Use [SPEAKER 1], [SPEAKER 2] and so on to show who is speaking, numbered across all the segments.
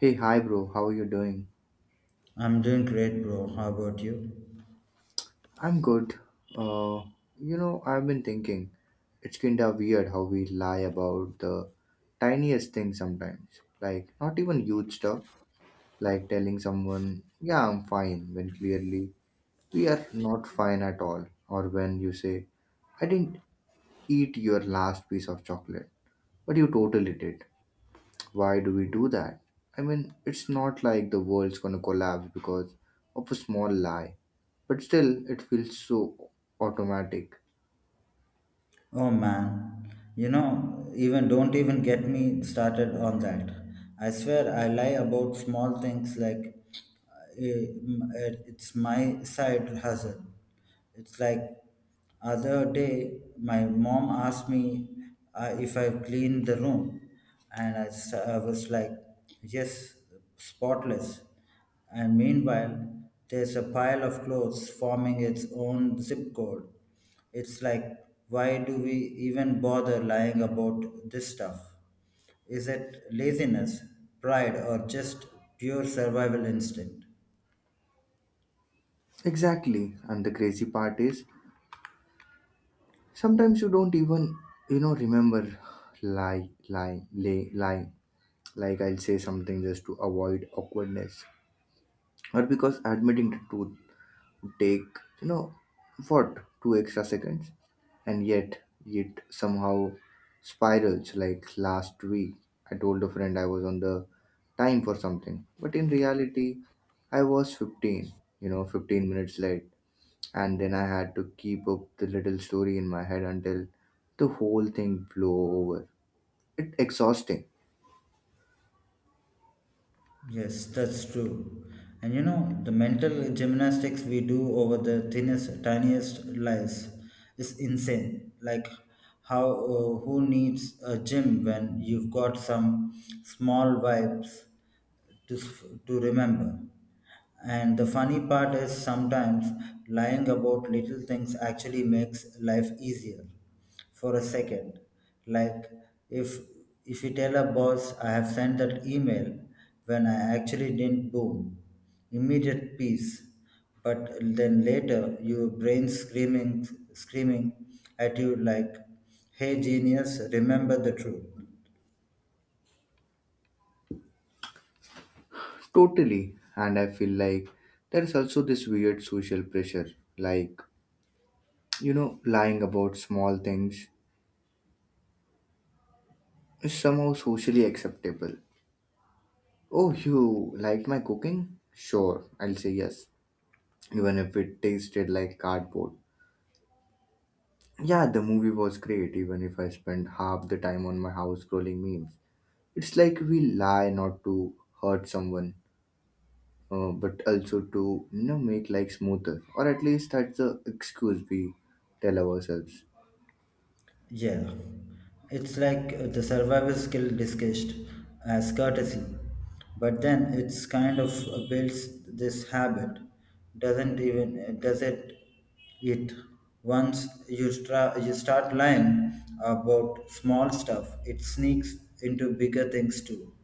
[SPEAKER 1] Hey, hi, bro. How are you doing?
[SPEAKER 2] I'm doing great, bro. How about you?
[SPEAKER 1] I'm good. Uh, I've been thinking it's kinda weird how we lie about the tiniest things sometimes. Like, not even huge stuff, like telling someone, yeah, I'm fine, when clearly we are not fine at all. Or when you say, I didn't eat your last piece of chocolate, but you totally did. Why do we do that? I mean, it's not like the world's gonna collapse because of a small lie, but still, it feels so automatic.
[SPEAKER 2] Oh man, you know, even don't even get me started on that. I swear I lie about small things like it's my side hustle. It's like other day my mom asked me if I cleaned the room, and I was like, yes, spotless. And meanwhile, there's a pile of clothes forming its own zip code. It's like, why do we even bother lying about this stuff? Is it laziness, pride, or just pure survival instinct?
[SPEAKER 1] Exactly, and the crazy part is sometimes you don't even, remember lie. Like I'll say something just to avoid awkwardness, or because admitting the truth take you know what two extra seconds, and yet it somehow spirals. Like last week I told a friend I was on the time for something, but in reality I was 15, 15 minutes late, and then I had to keep up the little story in my head until the whole thing blew over. It's exhausting.
[SPEAKER 2] Yes, that's true. And you know, the mental gymnastics we do over the thinnest, tiniest lies is insane. Like, how who needs a gym when you've got some small vibes to remember? And the funny part is sometimes lying about little things actually makes life easier for a second. Like if if you tell a boss I have sent that email when I actually didn't. Boom, immediate peace. But then later your brain screaming at you like, hey genius, remember the truth.
[SPEAKER 1] Totally, and I feel like there is also this weird social pressure, like, lying about small things is somehow socially acceptable. Oh, you like my cooking? Sure, I'll say yes, even if it tasted like cardboard. Yeah, the movie was great, even if I spent half the time on my house scrolling memes. It's like we lie not to hurt someone, but also to make life smoother, or at least that's the excuse we tell ourselves.
[SPEAKER 2] Yeah, it's like the survival skill discussed as courtesy, but then it's kind of builds this habit, doesn't even does it? It Once you you start lying about small stuff, it sneaks into bigger things too.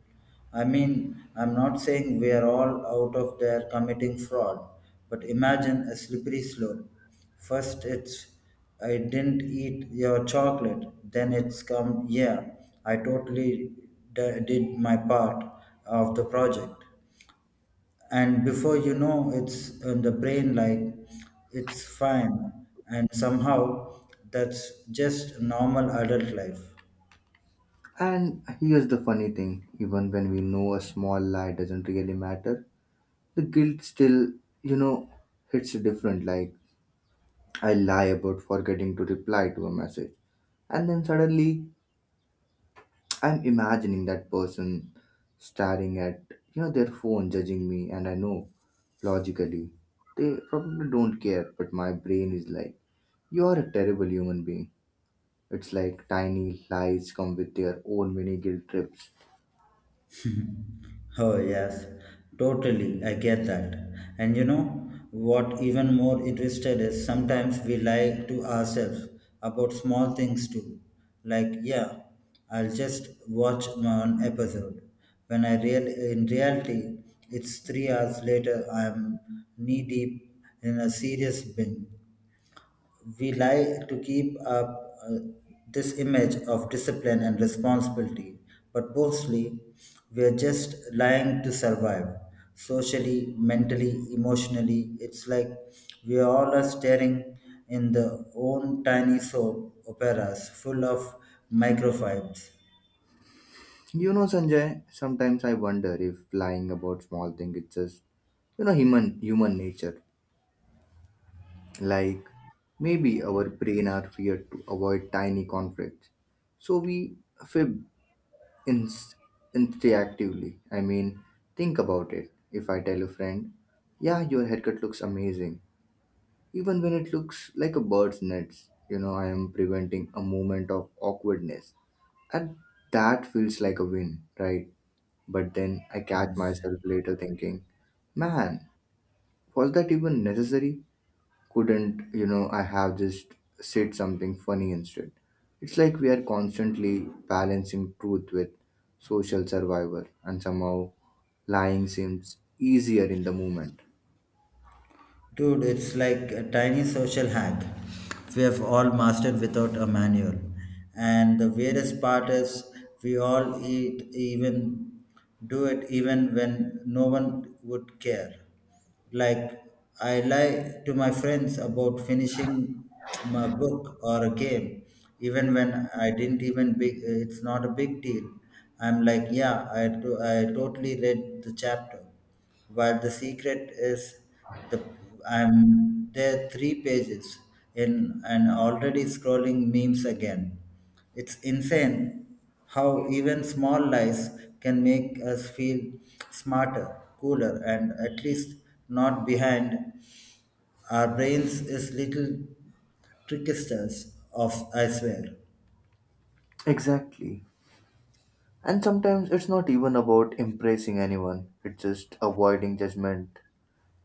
[SPEAKER 2] I mean, I'm not saying we're all out of there committing fraud, but imagine a slippery slope. First, it's I didn't eat your chocolate. Then it's come, yeah, I totally did my part of the project. And before you know, it's in the brain like it's fine. And somehow that's just normal adult life.
[SPEAKER 1] And here's the funny thing: even when we know a small lie doesn't really matter, the guilt still you know hits different. Like I lie about forgetting to reply to a message, and then suddenly I'm imagining that person staring at their phone, judging me. And I know, logically, they probably don't care, but my brain is like, you are a terrible human being. It's like tiny lies come with their own mini guilt trips.
[SPEAKER 2] Oh, yes, totally. I get that. And you know what, even more interested is sometimes we lie to ourselves about small things too. Like, yeah, I'll just watch one episode. When I real in reality, it's 3 hours later, I'm knee deep in a serious binge. We lie to keep up this image of discipline and responsibility, but mostly we're just lying to survive socially, mentally, emotionally. It's like we all are staring in the own tiny soap operas full of microfibes.
[SPEAKER 1] Sanjay, sometimes I wonder if lying about small things is just human nature. Like, maybe our brain are feared to avoid tiny conflicts. So we fib inst- instinctively. I mean, think about it. If I tell a friend, yeah, your haircut looks amazing, even when it looks like a bird's nest, you know, I am preventing a moment of awkwardness. And that feels like a win, right? But then I catch
[SPEAKER 2] Yes.
[SPEAKER 1] myself later thinking, man, was that even necessary? Couldn't I have just said something funny instead? It's like we are constantly balancing truth with social survival, and somehow lying seems easier in the moment.
[SPEAKER 2] Dude, it's like a tiny social hack we have all mastered without a manual. And the weirdest part is we all eat even do it even when no one would care. Like I lie to my friends about finishing my book or a game, even when I didn't even big. It's not a big deal. I'm like, yeah, I totally read the chapter. While the secret is the I'm there three pages in and already scrolling memes again. It's insane how even small lies can make us feel smarter, cooler, and at least not behind. Our brains is little tricksters of I swear.
[SPEAKER 1] Exactly, and sometimes it's not even about impressing anyone, it's just avoiding judgment.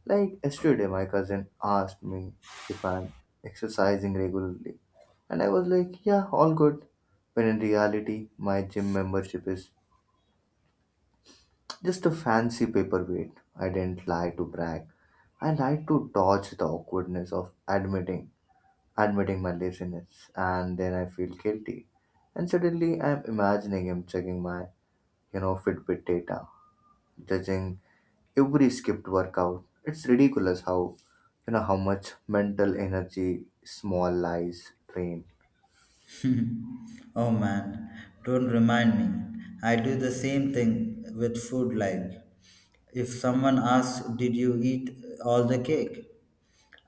[SPEAKER 1] Like yesterday my cousin asked me if I'm exercising regularly, and I was like, yeah, all good, when in reality my gym membership is just a fancy paperweight. I didn't lie to brag. I lied to dodge the awkwardness of admitting my laziness, and then I feel guilty. And suddenly I'm imagining him checking my, Fitbit data, judging every skipped workout. It's ridiculous how how much mental energy small lies drain.
[SPEAKER 2] Oh man, don't remind me. I do the same thing with food like if someone asks did you eat all the cake?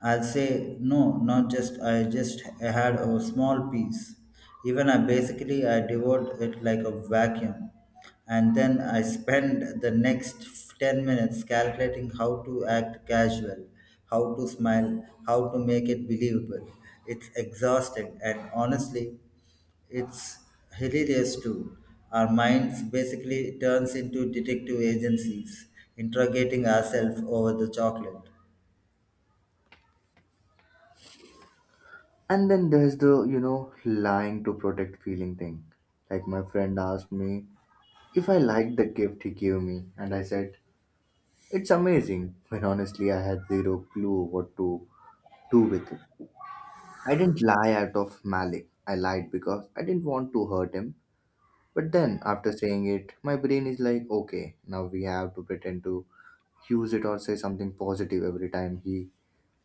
[SPEAKER 2] I'll say no, not just I just had a small piece. Even I basically I devoured it like a vacuum, and then I spend the next 10 minutes calculating how to act casual, how to smile, how to make it believable. It's exhausting, and honestly, it's hilarious too. Our minds basically turns into detective agencies, interrogating ourselves over the chocolate.
[SPEAKER 1] And then there's the, lying to protect feeling thing. Like my friend asked me if I liked the gift he gave me, and I said, it's amazing, when honestly I had zero clue what to do with it. I didn't lie out of malice. I lied because I didn't want to hurt him. But then, after saying it, my brain is like, okay, now we have to pretend to use it or say something positive every time he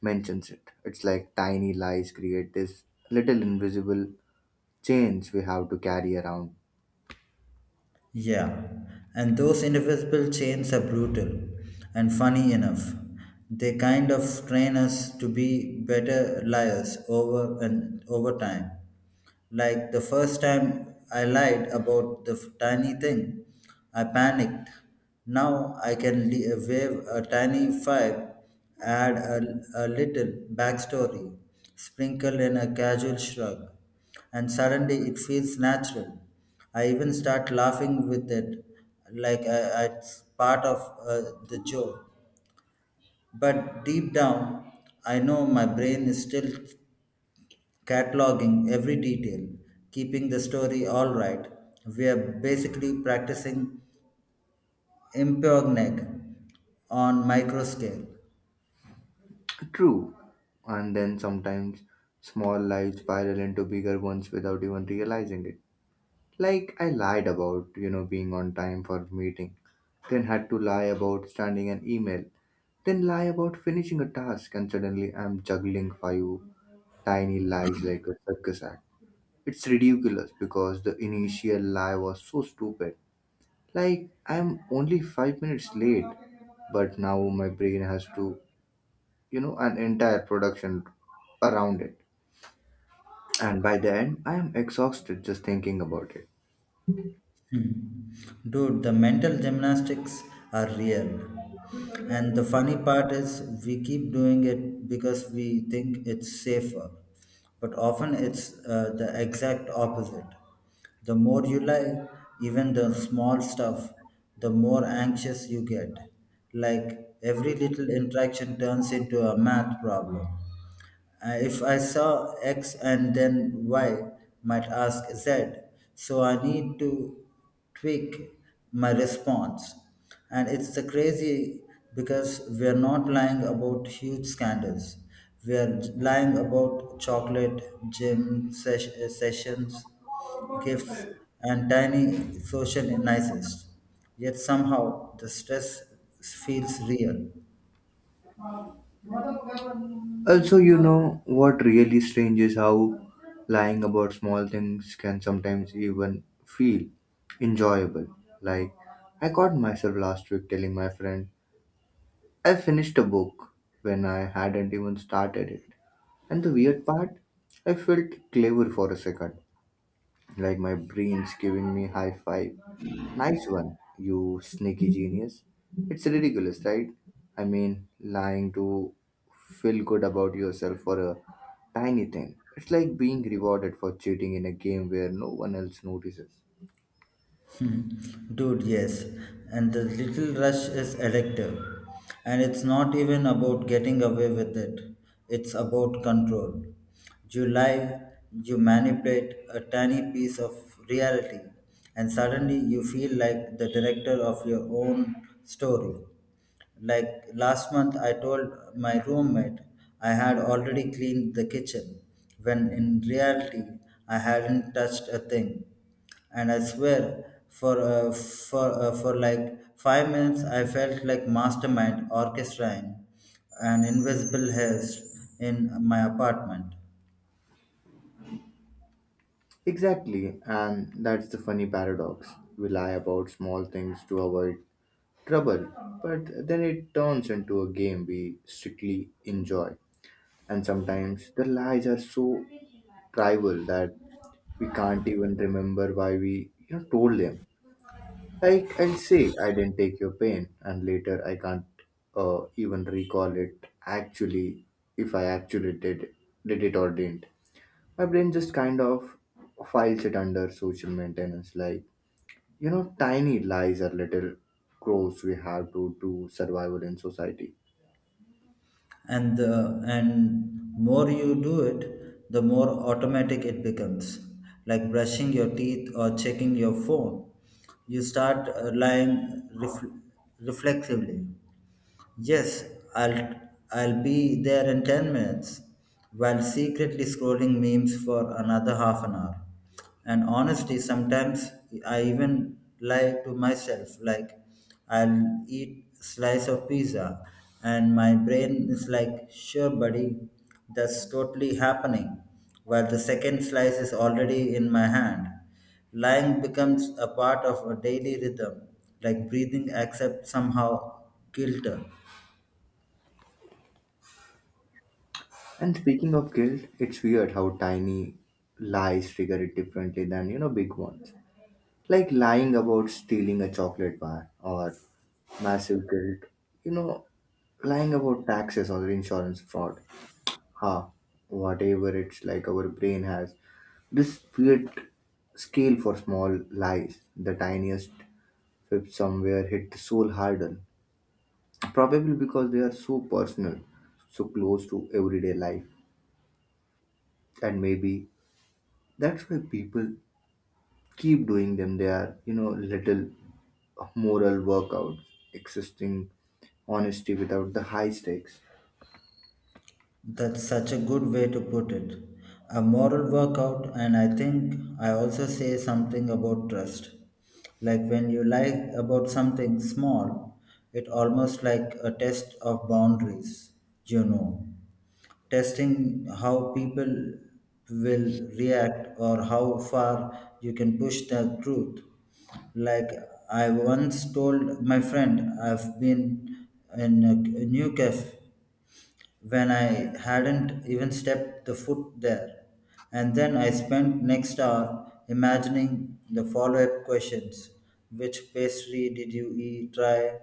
[SPEAKER 1] mentions it. It's like tiny lies create this little invisible chains we have to carry around.
[SPEAKER 2] Yeah, and those invisible chains are brutal. And funny enough, they kind of train us to be better liars over and over time. Like the first time I lied about the tiny thing, I panicked. Now I can wave a tiny five, add a little backstory, sprinkle in a casual shrug, and suddenly it feels natural. I even start laughing with it, like it's part of the joke. But deep down, I know my brain is still cataloging every detail, keeping the story all right. We are basically practicing improv on micro scale.
[SPEAKER 1] True. And then sometimes small lies spiral into bigger ones without even realizing it. Like I lied about, being on time for meeting, then had to lie about sending an email, then lie about finishing a task, and suddenly I'm juggling five tiny lies like a circus act. It's ridiculous because the initial lie was so stupid. Like I'm only 5 minutes late, but now my brain has to, an entire production around it. And by the end, I am exhausted just thinking about it.
[SPEAKER 2] Hmm. Dude, the mental gymnastics are real. And the funny part is, we keep doing it because we think it's safer. But often it's the exact opposite. The more you lie, even the small stuff, the more anxious you get. Like every little interaction turns into a math problem. If I saw X and then Y might ask Z, so I need to tweak my response. And it's the crazy because we are not lying about huge scandals. We are lying about chocolate, gym sessions, gifts, and tiny social niceties. Yet somehow the stress feels real.
[SPEAKER 1] Also, you know, what really strange is how lying about small things can sometimes even feel enjoyable. Like, I caught myself last week telling my friend I finished a book when I hadn't even started it. And the weird part, I felt clever for a second, like my brain's giving me high five. Nice one, you sneaky genius. It's ridiculous, right? I mean, lying to feel good about yourself for a tiny thing. It's like being rewarded for cheating in a game where no one else notices.
[SPEAKER 2] Hmm. Dude, yes. And the little rush is addictive. And it's not even about getting away with it, it's about control. You lie, you manipulate a tiny piece of reality, and suddenly you feel like the director of your own story. Like last month, I told my roommate I had already cleaned the kitchen, when in reality, I hadn't touched a thing, and I swear for for like 5 minutes I felt like mastermind orchestrating an invisible heist in my apartment.
[SPEAKER 1] Exactly, and that's the funny paradox. We lie about small things to avoid trouble, but then it turns into a game we strictly enjoy. And sometimes the lies are so trivial that we can't even remember why we told them. Like I'll say I didn't take your pain and later I can't even recall it actually, if I actually did it or didn't. My brain just kind of files it under social maintenance, like, tiny lies are little crows we have to do survival in society.
[SPEAKER 2] And the and more you do it, the more automatic it becomes, like brushing your teeth or checking your phone. You start lying ref- reflexively. Yes, I'll I'll be there in 10 minutes while secretly scrolling memes for another half an hour. And honestly, sometimes I even lie to myself, like I'll eat slice of pizza and my brain is like, "Sure, buddy, that's totally happening." While the second slice is already in my hand. Lying becomes a part of a daily rhythm, like breathing except somehow guilty.
[SPEAKER 1] And speaking of guilt, it's weird how tiny lies trigger it differently than, big ones. Like lying about stealing a chocolate bar, or massive guilt, you know lying about taxes or insurance fraud, ha, whatever. It's like our brain has this split scale for small lies. The tiniest fib somewhere hit the soul harder, probably because they are so personal, so close to everyday life. And maybe that's why people keep doing them. They are, little moral workouts, existing honesty without the high stakes.
[SPEAKER 2] That's such a good way to put it. A moral workout, and I think I also say something about trust. Like when you lie about something small, it almost like a test of boundaries, you know. Testing how people will react or how far you can push the truth. Like I once told my friend, I've been in a new cafe when I hadn't even stepped the foot there. And then I spent next hour imagining the follow-up questions. Which pastry did you try?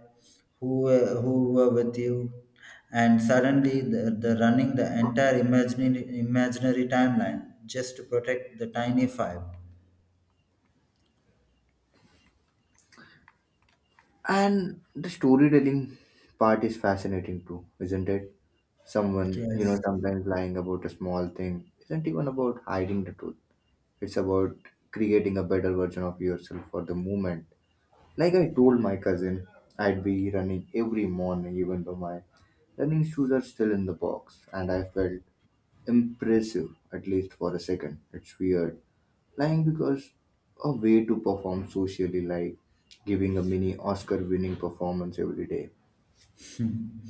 [SPEAKER 2] Who were with you? And suddenly the running the entire imaginary timeline just to protect the tiny five.
[SPEAKER 1] And the storytelling part is fascinating too, isn't it? Someone, you know,
[SPEAKER 2] Yes.
[SPEAKER 1] sometimes lying about a small thing isn't even about hiding the truth. It's about creating a better version of yourself for the moment. Like I told my cousin I'd be running every morning, even though my running shoes are still in the box, and I felt impressive, at least for a second. It's weird. Lying because a way to perform socially, like giving a mini Oscar winning performance every day.
[SPEAKER 2] Hmm,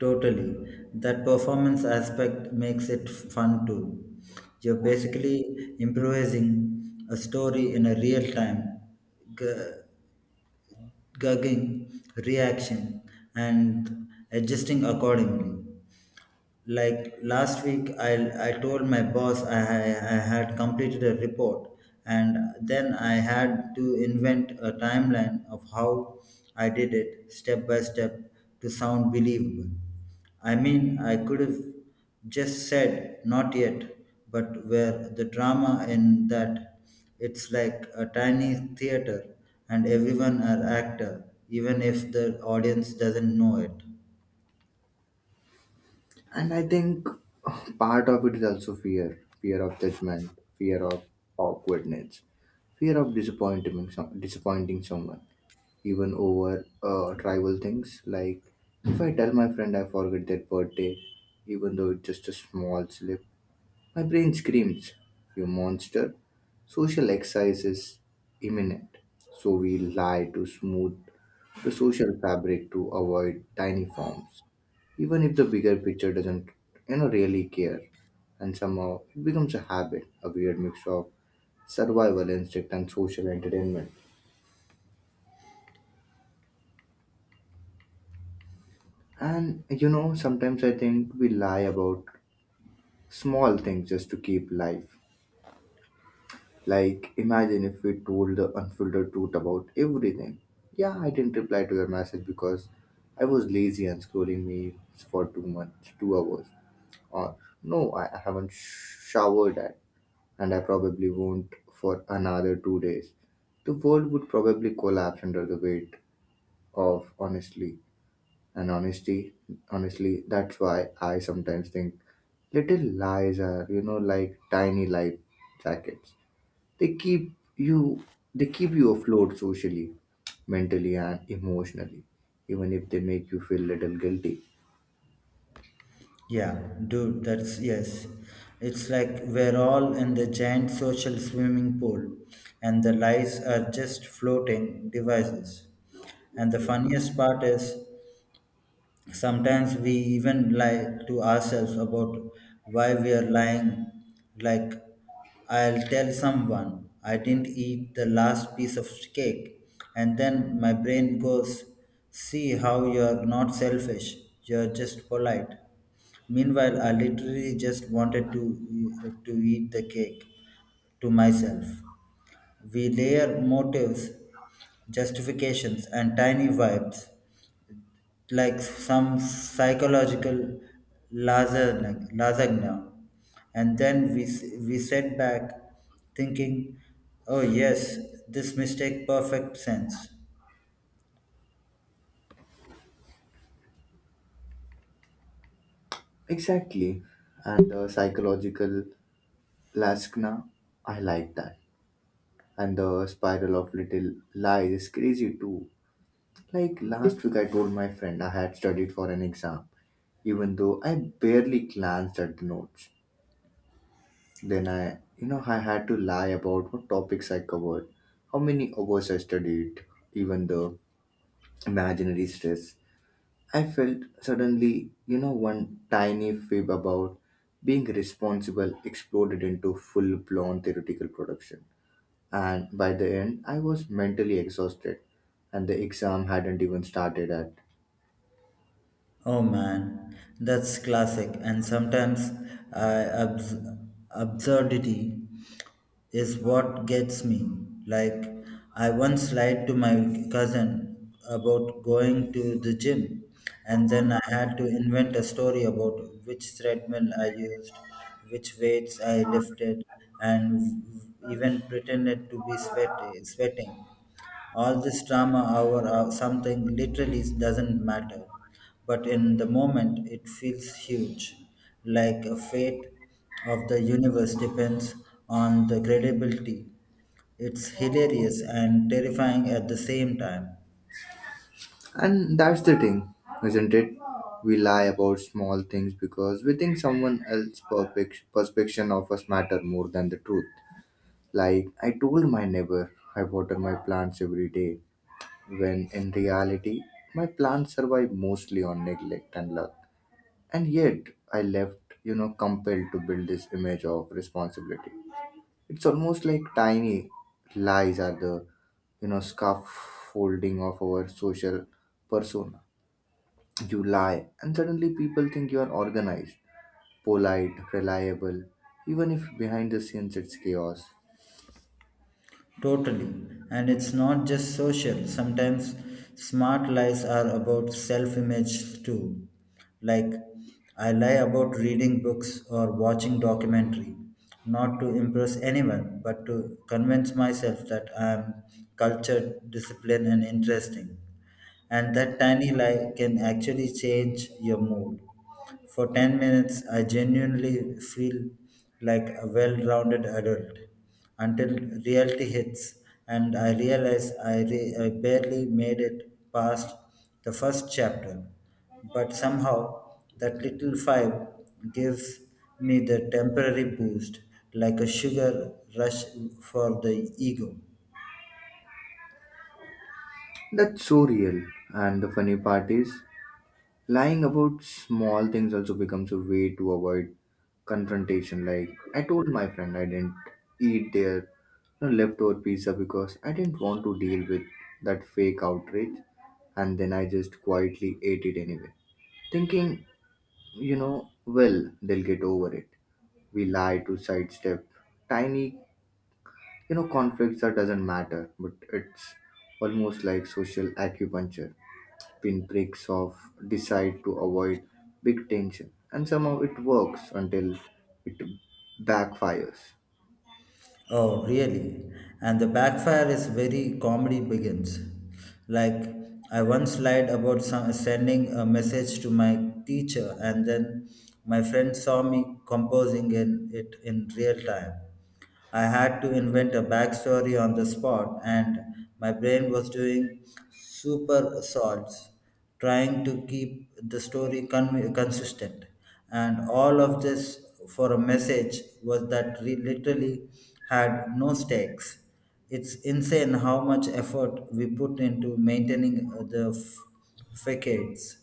[SPEAKER 2] totally. That performance aspect makes it fun too. You're basically improvising a story in a real time, gu- gauging reaction and adjusting accordingly. Like last week, I told my boss I had completed a report, and then I had to invent a timeline of how I did it step by step to sound believable. I mean, I could have just said not yet, but where the drama in that? It's like a tiny theater, and everyone are actor even if the audience doesn't know it.
[SPEAKER 1] And I think part of it is also fear of judgment, fear of awkwardness, fear of disappointing someone, even over trivial things. Like if I tell my friend I forget their birthday, even though it's just a small slip, my brain screams, you monster! Social exercise is imminent, so we lie to smooth the social fabric, to avoid tiny forms, even if the bigger picture doesn't really care. And somehow it becomes a habit, a weird mix of survival instinct and social entertainment. And you know, sometimes I think we lie about small things just to keep life. Like, imagine if we told the unfiltered truth about everything. Yeah, I didn't reply to your message because I was lazy and scrolling memes for too much, 2 hours. Or, no, I haven't showered yet, and I probably won't for another 2 days. The world would probably collapse under the weight of honestly. And honesty, honestly, that's why I sometimes think little lies are, you know, like tiny life jackets. They keep you they keep you afloat socially, mentally, and emotionally, even if they make you feel little guilty.
[SPEAKER 2] Yeah, dude, that's yes. It's like we're all in the giant social swimming pool, and the lies are just floating devices. And the funniest part is, sometimes we even lie to ourselves about why we are lying, like, I'll tell someone I didn't eat the last piece of cake, and then my brain goes, see how you're not selfish, you're just polite. Meanwhile, I literally just wanted to eat the cake to myself. We layer motives, justifications, and tiny vibes like some psychological lasagna. And then we sat back thinking, oh yes, this mistake perfect sense.
[SPEAKER 1] Exactly. And the psychological laskna, I like that. And the spiral of little lies is crazy too. Like last week I told my friend I had studied for an exam, even though I barely glanced at the notes. Then I you know I had to lie about what topics I covered, how many hours I studied, even the imaginary stress I felt suddenly. You know, one tiny fib about being responsible exploded into full blown theoretical production. And by the end, I was mentally exhausted, and the exam hadn't even started yet.
[SPEAKER 2] Oh man, that's classic, and sometimes I absurdity is what gets me. Like, I once lied to my cousin about going to the gym, and then I had to invent a story about which treadmill I used, which weights I lifted, and even pretended to be sweating. All this drama over something literally doesn't matter, but in the moment it feels huge, like a fate of the universe depends on the credibility. It's hilarious and terrifying at the same time.
[SPEAKER 1] And that's the thing, isn't it? We lie about small things because we think someone else's perfect perception of us matter more than the truth. Like I told my neighbor I water my plants every day, when in reality my plants survive mostly on neglect and luck. And yet I left, compelled to build this image of responsibility. It's almost like tiny lies are the, scaffolding of our social persona. You lie, and suddenly people think you are organized, polite, reliable, even if behind the scenes it's chaos.
[SPEAKER 2] Totally. And it's not just social, sometimes smart lies are about self image too. Like, I lie about reading books or watching documentary, not to impress anyone, but to convince myself that I am cultured, disciplined, and interesting, and that tiny lie can actually change your mood. For 10 minutes, I genuinely feel like a well rounded adult until reality hits and I realize I barely made it past the first chapter. But somehow, that little five gives me the temporary boost like a sugar rush for the ego.
[SPEAKER 1] That's so real. And the funny part is, lying about small things also becomes a way to avoid confrontation. Like, I told my friend I didn't eat their, leftover pizza, because I didn't want to deal with that fake outrage, and then I just quietly ate it anyway, thinking, you know, well, they'll get over it. We lie to sidestep tiny, conflicts that doesn't matter, but it's almost like social acupuncture, pinpricks of decide to avoid big tension, and somehow it works until it backfires.
[SPEAKER 2] Oh, really? And the backfire is very comedy begins. Like, I once lied about sending a message to my teacher, and then my friend saw me composing it in real time. I had to invent a backstory on the spot, and my brain was doing super salts trying to keep the story consistent. And all of this for a message was that we literally had no stakes. It's insane how much effort we put into maintaining the facades.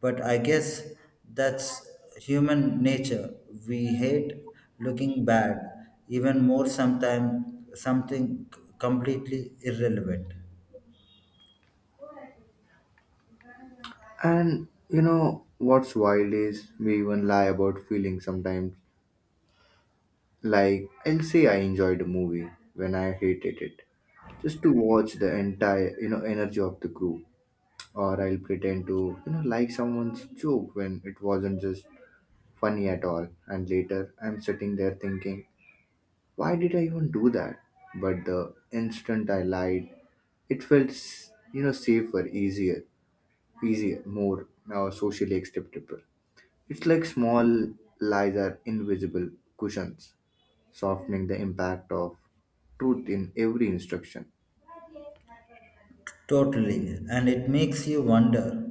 [SPEAKER 2] But I guess that's human nature. We hate looking bad, even more sometimes something completely irrelevant.
[SPEAKER 1] And you know what's wild is we even lie about feelings sometimes. Like I'll say I enjoyed a movie when I hated it, just to watch the entire, energy of the group. Or I'll pretend to, like someone's joke when it wasn't just funny at all. And later I'm sitting there thinking, why did I even do that? But the instant I lied, it felt, you know, safer, easier, more socially acceptable. It's like small lies are invisible cushions, softening the impact of truth in every instruction.
[SPEAKER 2] Totally. And it makes you wonder,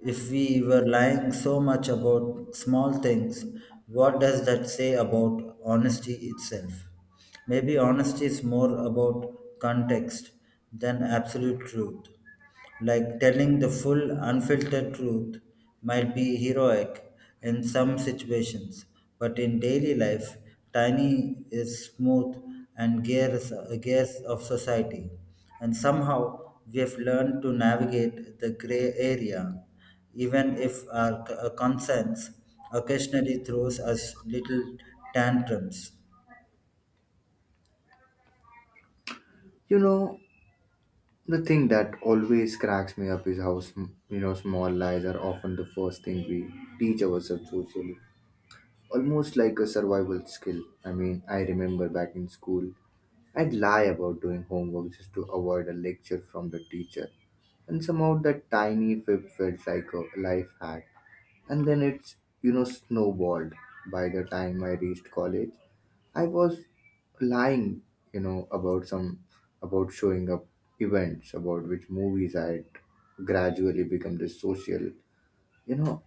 [SPEAKER 2] if we were lying so much about small things, what does that say about honesty itself? Maybe honesty is more about context than absolute truth. Like telling the full, unfiltered truth might be heroic in some situations, but in daily life, tiny is smooth and gears of society. And somehow we have learned to navigate the gray area, even if our conscience occasionally throws us little tantrums.
[SPEAKER 1] You know, the thing that always cracks me up is how, small lies are often the first thing we teach ourselves socially. Almost like a survival skill. I mean, I remember back in school, I'd lie about doing homework just to avoid a lecture from the teacher. And somehow that tiny fib felt like a life hack. And then it's, you know, snowballed. By the time I reached college, I was lying, about about showing up events, about which movies I had gradually become this social, you know,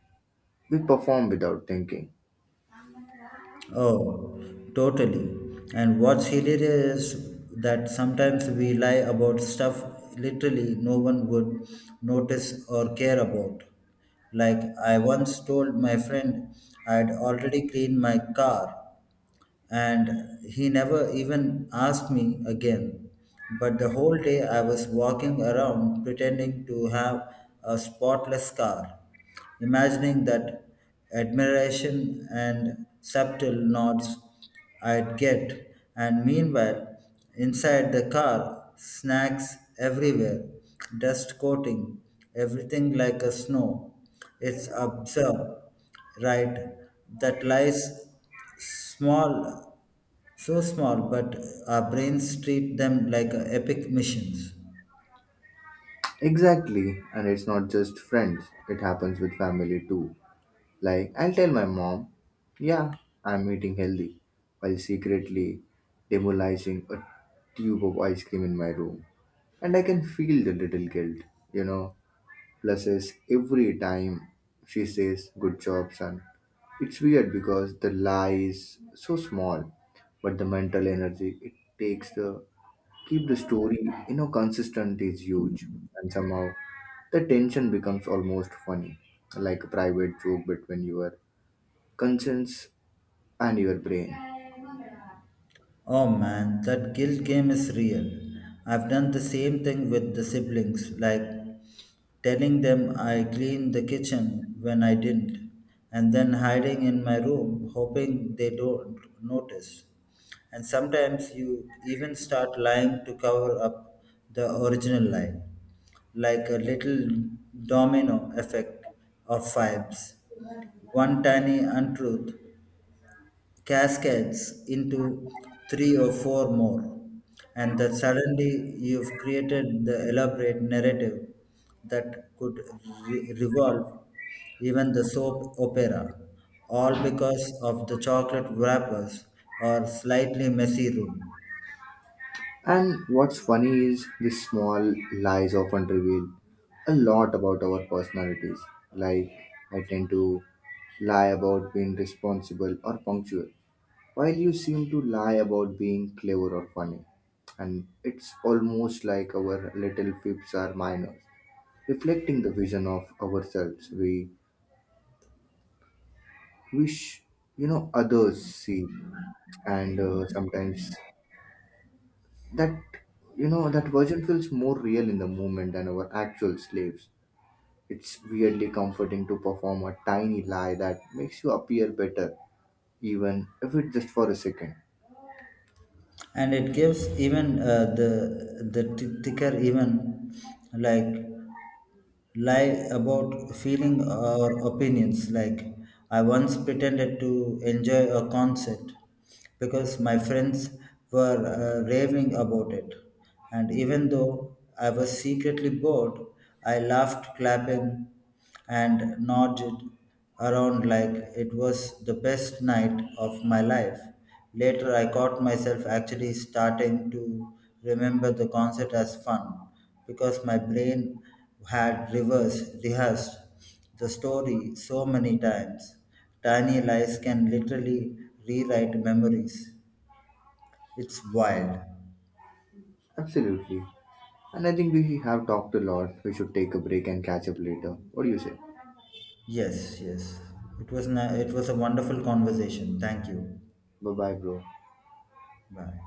[SPEAKER 1] we perform without thinking.
[SPEAKER 2] Oh, totally. And what's hilarious that sometimes we lie about stuff literally no one would notice or care about. Like I once told my friend I'd already cleaned my car and he never even asked me again. But the whole day I was walking around pretending to have a spotless car, imagining that admiration and subtle nods I'd get, and meanwhile, inside the car, snacks everywhere, dust coating everything like a snow. It's absurd, right? That lies small, so small, but our brains treat them like epic missions.
[SPEAKER 1] Exactly. And it's not just friends, it happens with family too. Like, I'll tell my mom, yeah, I'm eating healthy, while secretly demolishing a tube of ice cream in my room. And I can feel the little guilt, you know. Plus, is every time she says, good job, son. It's weird because the lie is so small, but the mental energy it takes to keep the story, consistent is huge. And somehow the tension becomes almost funny, like a private joke between your conscience and your brain.
[SPEAKER 2] Oh man, that guilt game is real. I've done the same thing with the siblings, like telling them I cleaned the kitchen when I didn't, and then hiding in my room hoping they don't notice. And sometimes you even start lying to cover up the original lie, like a little domino effect of vibes. One tiny untruth cascades into three or four more. And that suddenly you've created the elaborate narrative that could revolve even the soap opera, all because of the chocolate wrappers or slightly messy room.
[SPEAKER 1] And what's funny is these small lies often reveal a lot about our personalities. Like, I tend to lie about being responsible or punctual, while you seem to lie about being clever or funny. And it's almost like our little fibs are minors, reflecting the vision of ourselves we wish, others see. And sometimes that you know that version feels more real in the moment than our actual slaves. It's weirdly comforting to perform a tiny lie that makes you appear better, even if it's just for a second.
[SPEAKER 2] And it gives even the thicker even like lie about feeling or opinions, like I once pretended to enjoy a concert because my friends were raving about it, and even though I was secretly bored, I laughed, clapping, and nodded around like it was the best night of my life. Later, I caught myself actually starting to remember the concert as fun because my brain had reverse rehearsed the story so many times. Tiny lies can literally rewrite memories. It's wild.
[SPEAKER 1] Absolutely. And I think we have talked a lot. We should take a break and catch up later. What do you say?
[SPEAKER 2] Yes, yes. It was a wonderful conversation. Thank you.
[SPEAKER 1] Bye bye, bro.
[SPEAKER 2] Bye.